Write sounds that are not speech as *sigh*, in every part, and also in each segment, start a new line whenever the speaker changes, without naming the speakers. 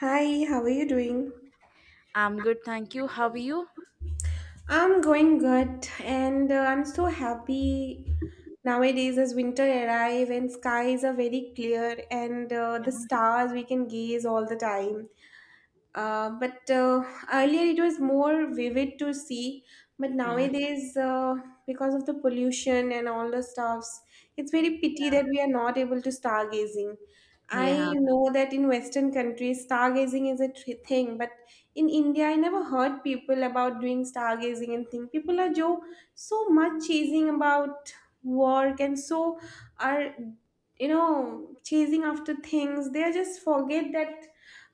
Hi, how are you doing?
I'm good, thank you. How are you?
I'm going good and I'm so happy nowadays as winter arrive and skies are very clear and the stars we can gaze all the time. But Earlier it was more vivid to see. But
Yeah,
nowadays, because of the pollution and all the stuffs, it's very pity that we are not able to stargazing. I
yeah,
Yeah. know that in Western countries, stargazing is a thing, but in India, I never heard people about doing stargazing and thing. People are so much chasing about work and so are, chasing after things. They are just forget that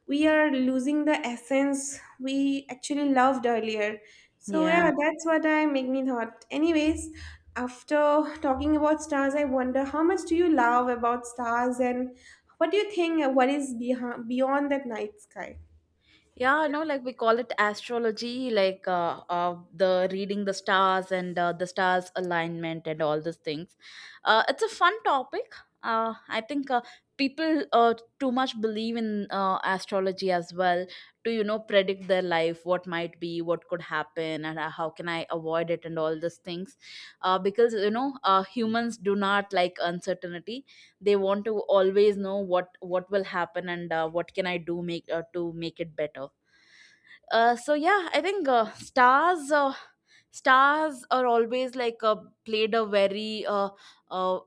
we are losing the essence we actually loved earlier. So
yeah.
yeah, that's what I make me thought. Anyways, after talking about stars, I wonder how much do you love about stars and what do you think what is behind, beyond that night sky?
Yeah, no, like we call it astrology, like the reading the stars and the stars alignment and all those things. It's a fun topic. I think people too much believe in astrology as well to predict their life, what might be, what could happen, and how can I avoid it and all those things. Because humans do not like uncertainty. They want to always know what will happen, and what can I do make to make it better. So yeah, I think stars stars are always like played a very uh,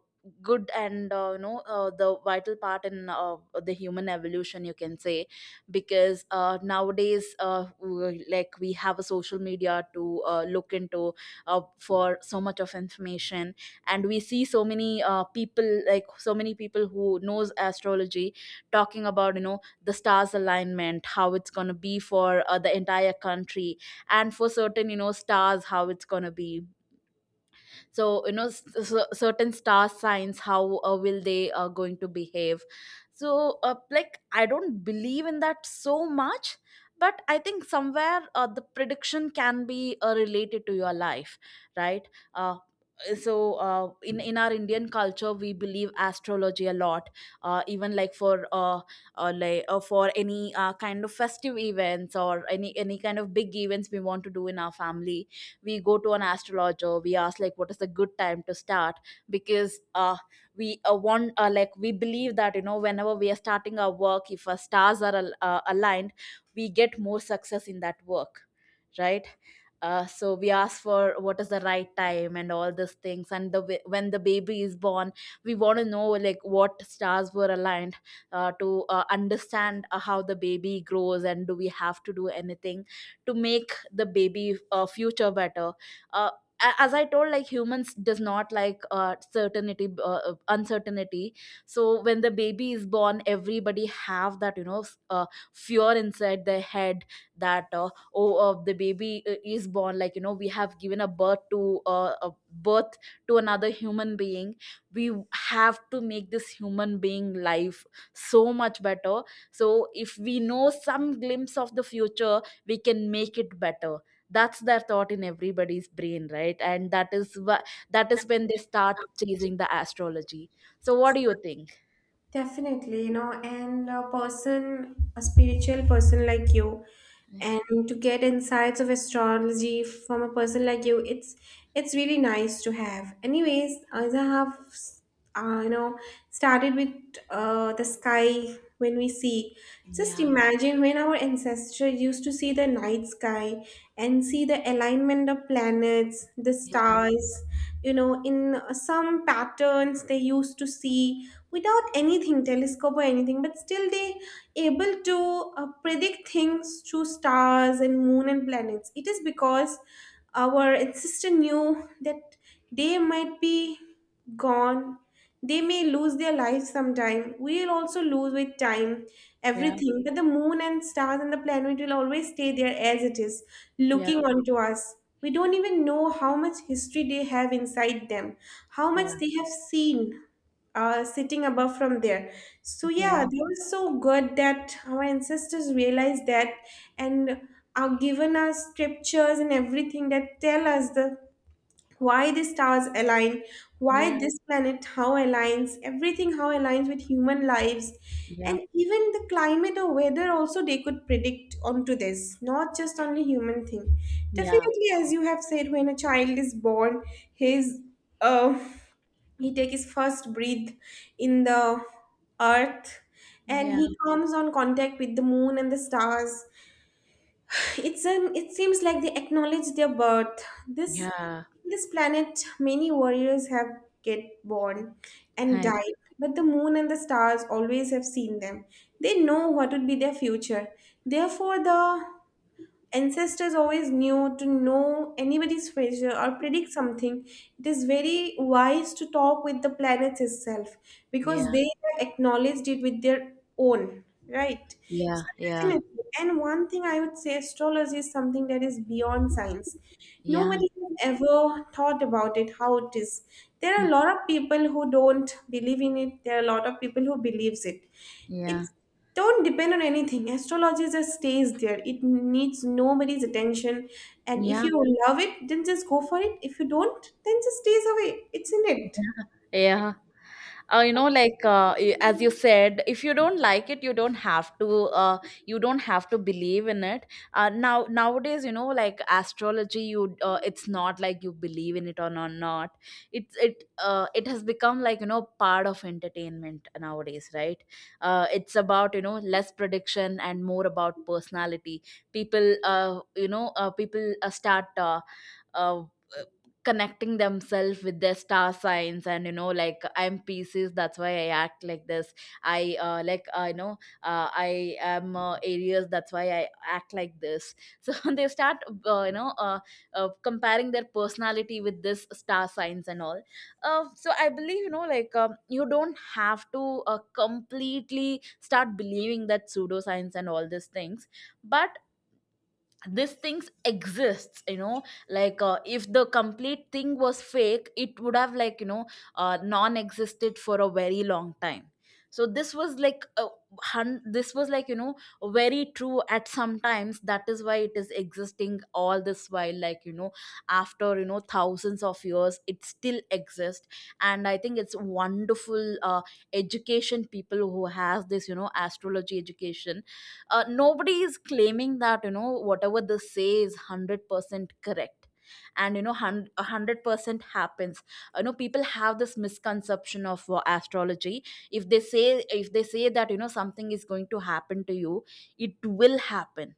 good and the vital part in the human evolution, you can say, because nowadays like we have a social media to look into for so much of information. And we see so many people who knows astrology, talking about the stars alignment, how it's going to be for the entire country, and for certain stars, how it's going to be. So certain star signs, how will they going to behave. So like I don't believe in that so much, but I think somewhere the prediction can be related to your life, right? uh, so in our Indian culture, we believe astrology a lot. Even like for any kind of festive events, or any kind of big events we want to do in our family, we go to an astrologer. We ask like what is the good time to start, because we want like we believe that whenever we are starting our work, if our stars are aligned, we get more success in that work, right? So we ask for what is the right time and all these things, and when the baby is born, we want to know like what stars were aligned to understand how the baby grows, and do we have to do anything to make the baby future better. uh, as I told, like humans does not like certainty uncertainty. So when the baby is born, everybody have that fear inside their head, that oh the baby is born, like we have given a birth to another human being. We have to make this human being life so much better. So if we know some glimpse of the future, we can make it better. That's their thought in everybody's brain, right? And that is when they start chasing the astrology. So what do you think?
Definitely, you know, and a person, a spiritual person like you, and to get insights of astrology from a person like you, it's really nice to have. Anyways, as I have, uh, you know, started with the sky when we see. Just
Yeah,
imagine when our ancestors used to see the night sky and see the alignment of planets the
yeah,
stars, you know, in some patterns they used to see without anything, telescope or anything, but still they able to predict things through stars and moon and planets. It is because our ancestor knew that they might be gone they may lose their life sometime. We'll also lose with time
yeah,
everything. But the moon and stars and the planet will always stay there as it is,
yeah,
looking onto us. We don't even know how much history they have inside them, how much
yeah,
they have seen sitting above from there. So yeah,
yeah,
they were so good that our ancestors realized that and are given us scriptures and everything that tell us the why the stars align,
yeah,
why this planet, how aligns, everything how aligns with human lives. And even the climate or weather also they could predict onto this, not just only human thing.
yeah,
Definitely, as you have said, when a child is born, his uh, he take his first breath in the earth and
yeah.
he comes on contact with the moon and the stars it's an it seems like they acknowledge their birth this
Yeah,
this planet many warriors have get born and
I
die
agree.
but the moon and the stars always have seen them they know what would be their future therefore the ancestors always knew to know anybody's future or predict something it is very wise to talk with the planets itself
Yeah,
because they have acknowledged it with their own right
yeah,
so
yeah,
definitely and one thing I would say astrology is something that is beyond science
yeah,
nobody has ever thought about it how it is there are a lot of people who don't believe in it there are a lot of people who believes it
yeah,
it's don't depend on anything astrology just stays there it needs nobody's attention and if
yeah,
you love it then just go for it if you don't then just stays away it's in it.
yeah, yeah. You know, like as you said, if you don't like it, you don't have to. uh, you don't have to believe in it. Nowadays, like astrology, you it's not like you believe in it or not. It has become like part of entertainment nowadays, right? It's about less prediction and more about personality. People uh, you know uh, people uh, start uh, connecting themselves with their star signs, and like I'm Pisces, that's why I act like this. I like I you know I am Aries, that's why I act like this. So *laughs* they start uh, you know uh, comparing their personality with this star signs and all. So I believe like you don't have to completely start believing that pseudoscience and all these things, but these things exists. Like if the complete thing was fake, it would have like non-existed for a very long time. So this was like very true at some times. That is why it is existing all this while, like after thousands of years, it still exists. And I think it's wonderful education, people who has this astrology education. Nobody is claiming that whatever they say is 100% correct, and a 100% happens. People have this misconception of astrology. If they say, that something is going to happen to you, it will happen.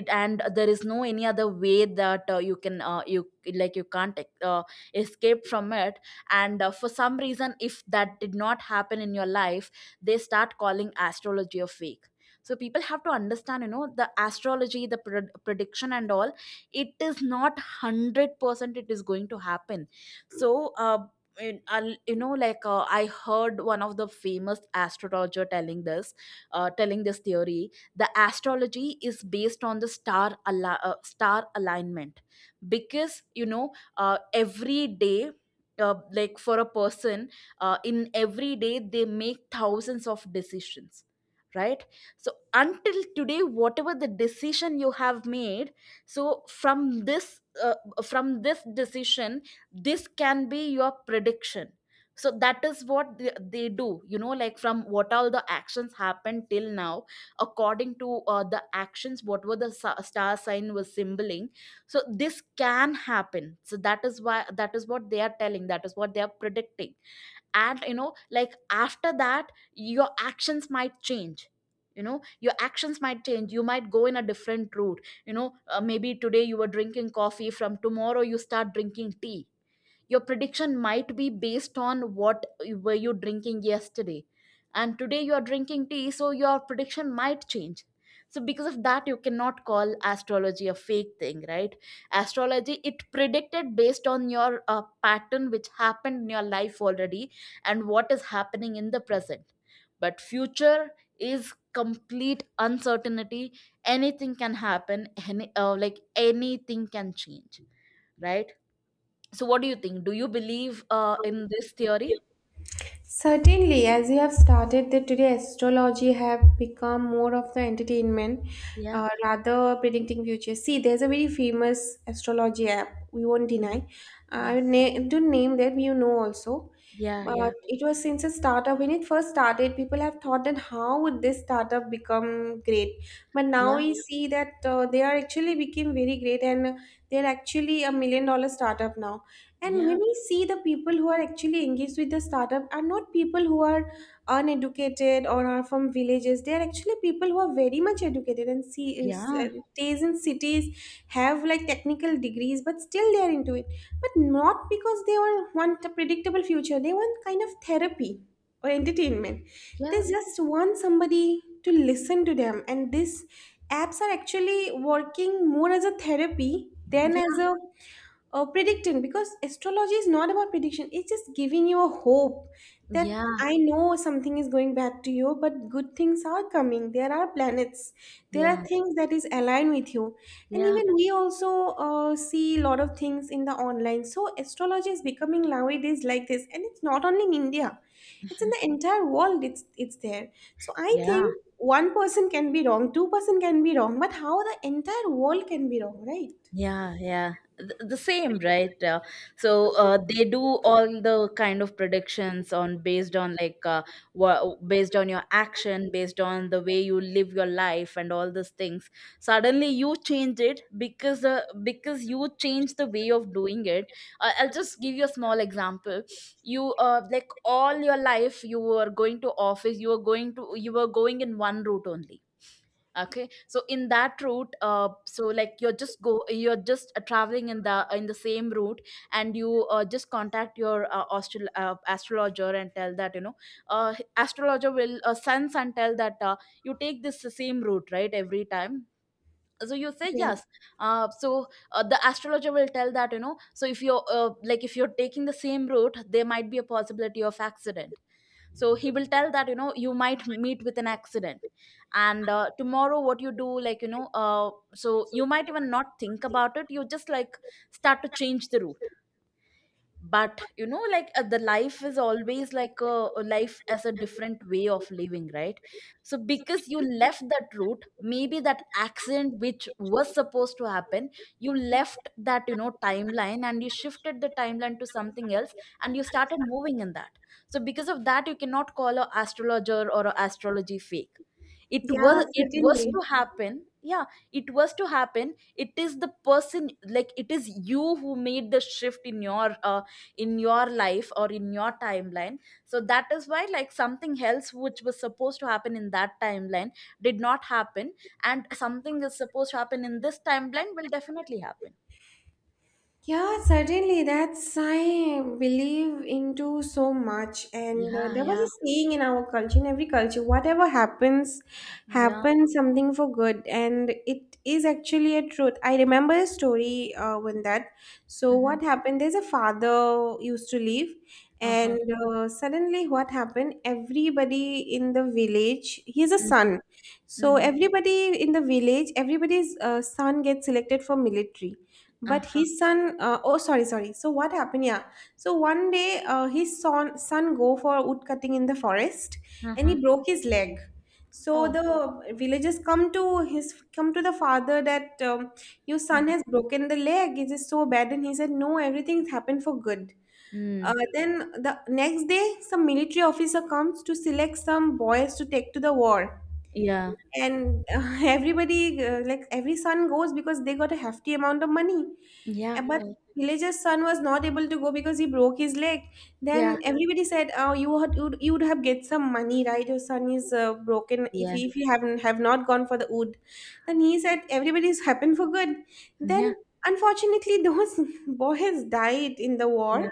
It And there is no any other way that you can you like you can't uh, escape from it. And for some reason, if that did not happen in your life, they start calling astrology a fake. So people have to understand the astrology, prediction and all, it is not 100% it is going to happen. So like I heard one of the famous astrologer telling this theory. The astrology is based on the star alignment. Because every day, like for a person, in every day, they make thousands of decisions, right? So until today, whatever the decision you have made, so from this decision, this can be your prediction. So that is what they do, like from what all the actions happened till now, according to the actions, what were star sign was symboling, so this can happen. So that is why, that is what they are telling, that is what they are predicting. And like after that, your actions might change. Your actions might change, you might go in a different route. Maybe today you were drinking coffee, from tomorrow you start drinking tea. Your prediction might be based on were you drinking yesterday, and today you are drinking tea, so your prediction might change. So because of that, you cannot call astrology a fake thing, right? Astrology, it predicted based on your pattern which happened in your life already, and what is happening in the present. But future is complete uncertainty. Anything can happen, like anything can change, right? So, what do you think? Do you believe in this theory?
Certainly, as you have started that today, astrology have become more of the entertainment
Yeah,
rather predicting future. See, there's a very famous astrology app. We won't
yeah,
deny. I
yeah,
would don't name that you know also,
yeah,
but
yeah,
it was since a startup. When it first started, people have thought that how would this startup become great? But now
yeah,
we see that they are actually became very great and they're actually a million dollar startup now and
yeah,
when we see the people who are actually engaged with the startup are not people who are uneducated or are from villages. They are actually people who are very much educated and see
yeah,
stays in cities, have like technical degrees, but still they are into it. But not because they were want a predictable future. They want kind of therapy or entertainment.
yeah,
They just want somebody to listen to them. And these apps are actually working more as a therapy than
yeah,
as a predicting because astrology is not about prediction it's just giving you a hope that
yeah,
I know something is going bad to you but good things are coming there are planets there
yeah,
are things that is aligned with you and
yeah,
even we also see a lot of things in the online so astrology is becoming nowadays like this and it's not only in india it's in the entire world it's there so I think
yeah.
one person can be wrong two-person can be wrong but how the entire world can be wrong right.
Yeah, yeah. The same, right? So they do all the kind of predictions on based on like based on your action, based on the way you live your life, and all these things. Suddenly, you change it, because because you change the way of doing it. I'll just give you a small example. You like all your life you were going to office, you were going in one route only. Okay, so in that route, so like you're just go you're just traveling in the same route, and you just contact your astrologer, and tell that astrologer will sense and tell that you take this same route, right, every time. So you say
Yes.
yes. So the astrologer will tell that so if you're taking the same route, there might be a possibility of accident. So he will tell that you might meet with an accident. And tomorrow what you do, like so you might even not think about it, you just like start to change the route. But like the life is always like a life, as a different way of living, right? So because you left that route, maybe that accident which was supposed to happen, you left that timeline and you shifted the timeline to something else, and you started moving in that. So because of that you cannot call a astrologer or a astrology fake.
Yeah,
It was
certainly.
to happen, yeah. It was to happen. It is the person, like it is you who made the shift in your life or in your timeline. So that is why, like something else which was supposed to happen in that timeline did not happen, and something is supposed to happen in this timeline will definitely happen.
Yeah, certainly. That's I believe into so much, and
Yeah,
there was
yeah,
a saying in our culture, in every culture, whatever happens,
yeah.
happens something for good, and it is actually a truth. I remember a story when that. So
Mm-hmm.
what happened? There's a father used to live,
Uh-huh.
and suddenly what happened? Everybody in the village, he has a
Mm-hmm.
son, so
Mm-hmm.
everybody in the village, everybody's son gets selected for military but
Uh-huh.
his son oh sorry sorry so what happened yeah so one day his son go for wood cutting in the forest and
Uh-huh.
he broke his leg so
Oh.
the villagers come to his come to the father that your son
Mm-hmm.
has broken the leg it is so bad and he said no everything's happened for good.
Mm.
Then the next day some military officer comes to select some boys to take to the war
Yeah,
and *laughs* everybody like every son goes because they got a hefty amount of money.
yeah,
But
yeah,
villager's son was not able to go because he broke his leg. Then
yeah,
everybody said, "Oh, you would you would you would have get some money, right? Your son is broken. If
yeah.
he, if you haven't have not gone for the wood." Then he said, "Everybody's happened for good." Then
Yeah,
unfortunately, those *laughs* boys died in the war,
yeah,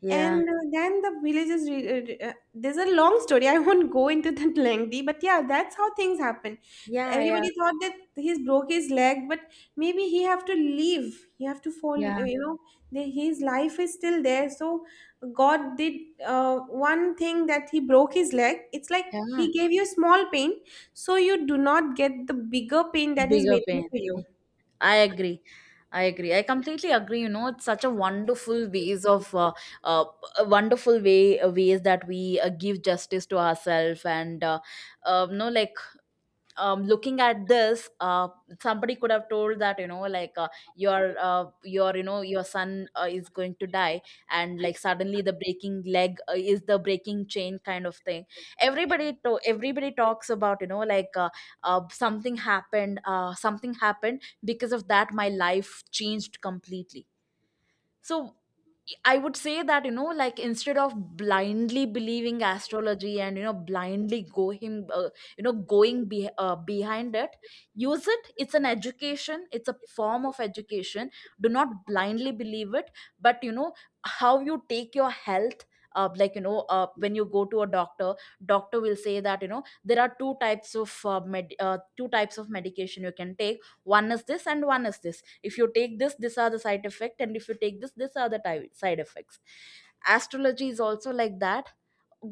yeah,
and then the villagers, there's a long story. I won't go into that *laughs* lengthy, but yeah, that's how things happen.
yeah, yeah,
Everybody thought that he's broke his leg, but maybe he have to leave. He have to fall.
yeah,
You know, his life is still there. So God did one thing that he broke his leg. It's like
yeah.
he gave you small pain, so you do not get the bigger pain that is
Bigger
waiting
pain.
for you.
I agree. I agree. I completely agree. You know, it's such a wonderful ways of uh a wonderful ways that we give justice to ourselves and uh, you know like looking at this, somebody could have told that you know, your you know your son is going to die, and like suddenly the breaking leg is the breaking chain kind of thing. Everybody talks about you know like something happened because of that my life changed completely. So I would say that you know like instead of blindly believing astrology, and you know blindly go him you know behind it, use it, it's an education, it's a form of education. Do not blindly believe it. But you know, how you take your health, like you know, when you go to a doctor, doctor will say that you know there are two types of medication you can take. One is this and one is this. If you take this, these are the side effects, and if you take this, these are the side effects. Astrology is also like that.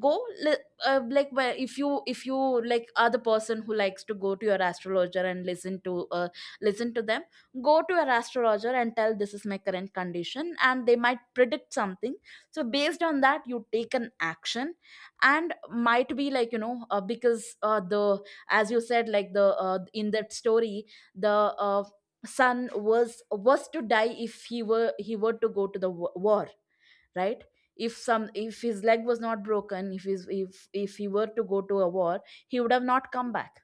go li- like, where if you like are the person who likes to go to your astrologer and listen to listen to them. Go to your astrologer and tell this is my current condition and they might predict something. So based on that you take an action. And might be like you know, because the, as you said, like the in that story, the son was to die if he were to go to the war, right? If some, if his leg was not broken, if his if he were to go to a war, he would have not come back.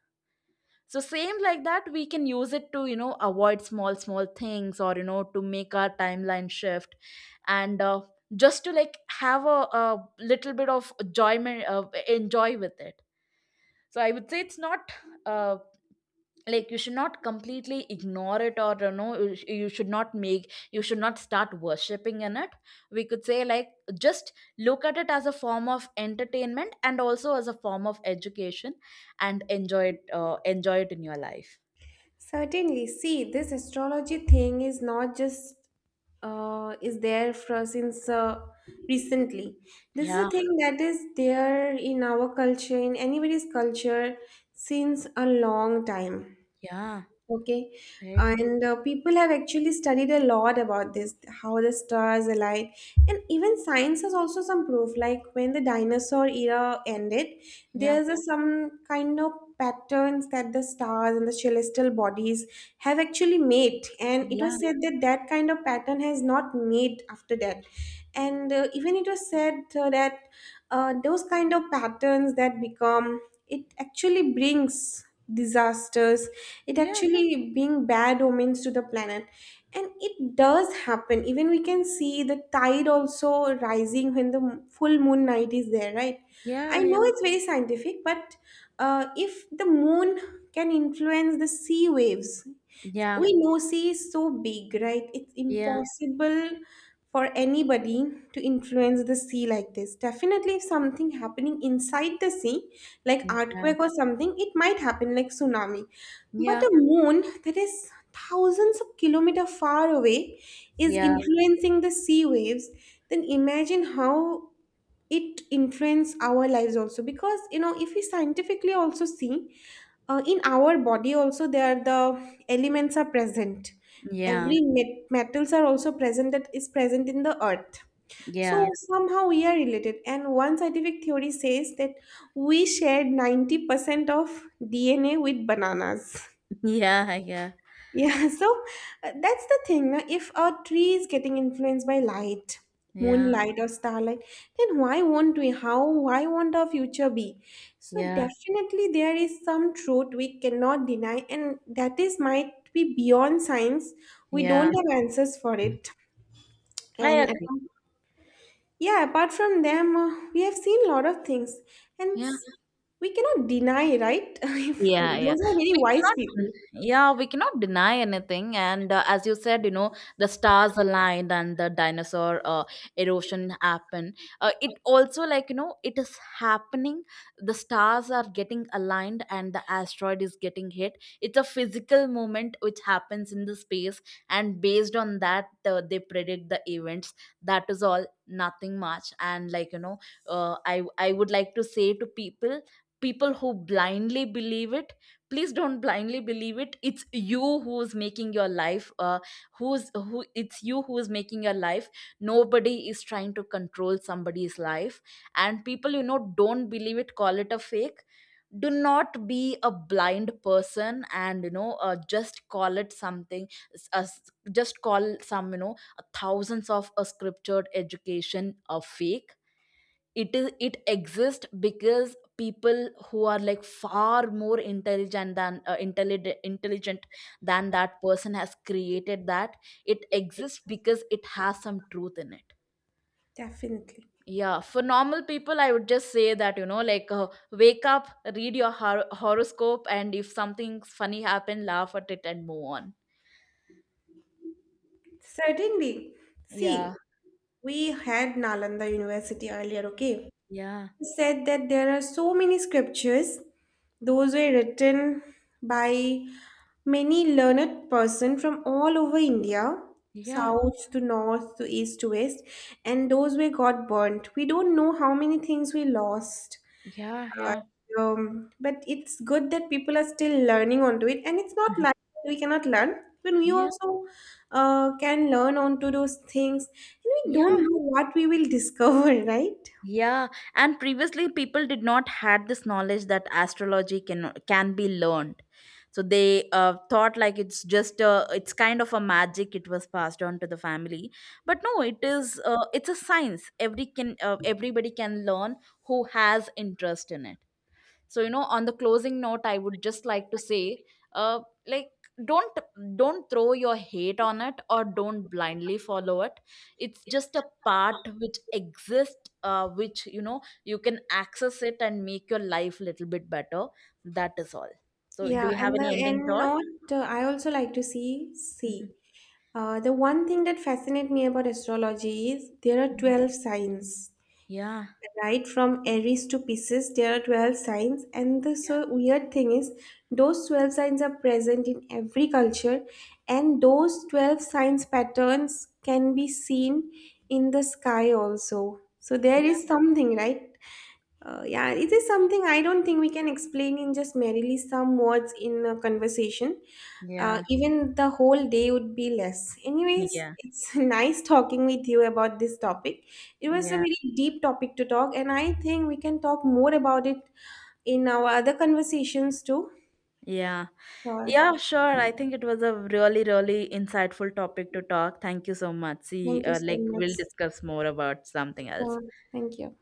So same like that we can use it to you know avoid small small things, or you know to make our timeline shift. And just to like have a little bit of enjoyment, enjoy with it. So I would say it's not, uh, like you should not completely ignore it, or you know you should not make, you should not start worshipping in it. We could say like, just look at it as a form of entertainment and also as a form of education, and enjoy it, enjoy it in your life.
Certainly. See, this astrology thing is not just is there for since recently. This is
Yeah,
a thing that is there in our culture, in anybody's culture, since a long time.
yeah,
Okay,
right,
and people have actually studied a lot about this, how the stars alight, and even science has also some proof. Like when the dinosaur era ended,
yeah,
there's some kind of patterns that the stars and the celestial bodies have actually made, and it
yeah,
was said that that kind of pattern has not made after that. And even it was said that those kind of patterns that become it actually brings disasters it
yeah,
actually being bad omens to the planet and it does happen even we can see the tide also rising when the full moon night is there right I
yeah,
know
yeah,
it's very scientific but if the moon can influence the sea waves
yeah,
we know she is so big, right? It's
yeah,
impossible for anybody to influence the sea like this. Definitely, if something happening inside the sea, like earthquake or something, it might happen like tsunami. But
yeah,
a moon that is thousands of kilometer far away is
yeah,
influencing the sea waves. Then imagine how it influence our lives also because you know if we scientifically also see in our body also there are the elements are present
yeah,
every metals are also present that is present in the earth
yeah,
so
yeah,
Yes. somehow we are related and one scientific theory says that we shared 90% of dna with bananas.
*laughs* yeah, yeah,
Yeah, *laughs* so that's the thing. If a tree is getting influenced by light,
yeah,
moonlight or starlight, then why won't we? How? Why won't our future be? So
yeah,
definitely there is some truth we cannot deny, and that is might be beyond science. We
yeah,
don't have answers for it.
I
And
agree.
apart- yeah, apart from them, we have seen a lot of things, and we cannot deny, right? *laughs* If
Yeah,
Yeah.
yeah.
those are very
We
wise
cannot,
people,
yeah, we cannot deny anything. And as you said, you know, the stars aligned and the dinosaur erosion happened. It also, like, you know, it is happening. The stars are getting aligned and the asteroid is getting hit. It's a physical moment which happens in the space. And based on that, they predict the events. That is all, nothing much. And, like, you know, I would like to say to people, people who blindly believe it, please don't blindly believe it. It's you who's making your life, who's who it's you who's making your life. Nobody is trying to control somebody's life. And people, you know, don't believe it, call it a fake. Do not be a blind person, and you know, just call it something. Just call some, you know, thousands of a scriptured education a fake. It is, it exists because people who are like far more intelligent than intelligent than that person has created that. It exists because it has some truth in it.
definitely.
Yeah, for normal people I would just say that you know wake up, read your horoscope, and if something funny happen, laugh at it and move on.
Certainly. See,
Yeah,
we had Nalanda University earlier, okay?
yeah,
He said that there are so many scriptures. Those were written by many learned person from all over India,
yeah,
south to north to east to west, and those were got burnt. We don't know how many things we lost.
yeah,
Sure.
yeah,
But it's good that people are still learning onto it, and it's not like we cannot learn. Even we
*laughs* yeah,
also can learn onto those things, and we don't
yeah.
know what we will discover, *laughs* right?
Yeah, and previously people did not had this knowledge that astrology can be learned. So they thought like it's just a, it's kind of a magic. It was passed on to the family, but no, it is it's a science. Everybody can learn who has interest in it. So you know, on the closing note, I would just like to say, uh like don't don't throw your hate on it or don't blindly follow it. It's just a part which exists, which you know you can access it and make your life little bit better. That is all. So do
Yeah,
you have
and
any
the
ending
end
thought?
note, I also like to
Mhm.
see. The one thing that fascinates me about astrology is there are 12 signs,
Yeah,
right from Aries to Pisces, there are 12 signs, and the
yeah,
so weird thing is, those 12 signs are present in every culture, and those 12 signs patterns can be seen in the sky also. So, there
yeah,
is something, right? Yeah, it is something I don't think we can explain in just merely some words in a conversation.
yeah,
Even the whole day would be less. Anyways,
yeah,
it's *laughs* nice talking with you about this topic. It was a
yeah,
very deep topic to talk, and I think we can talk more about it in our other conversations too.
yeah.
Sure.
Yeah, sure. I think it was a really, really insightful topic to talk. Thank you so much. See,
Thank you so
like,
much.
we'll discuss more about something else.
Sure. Thank you.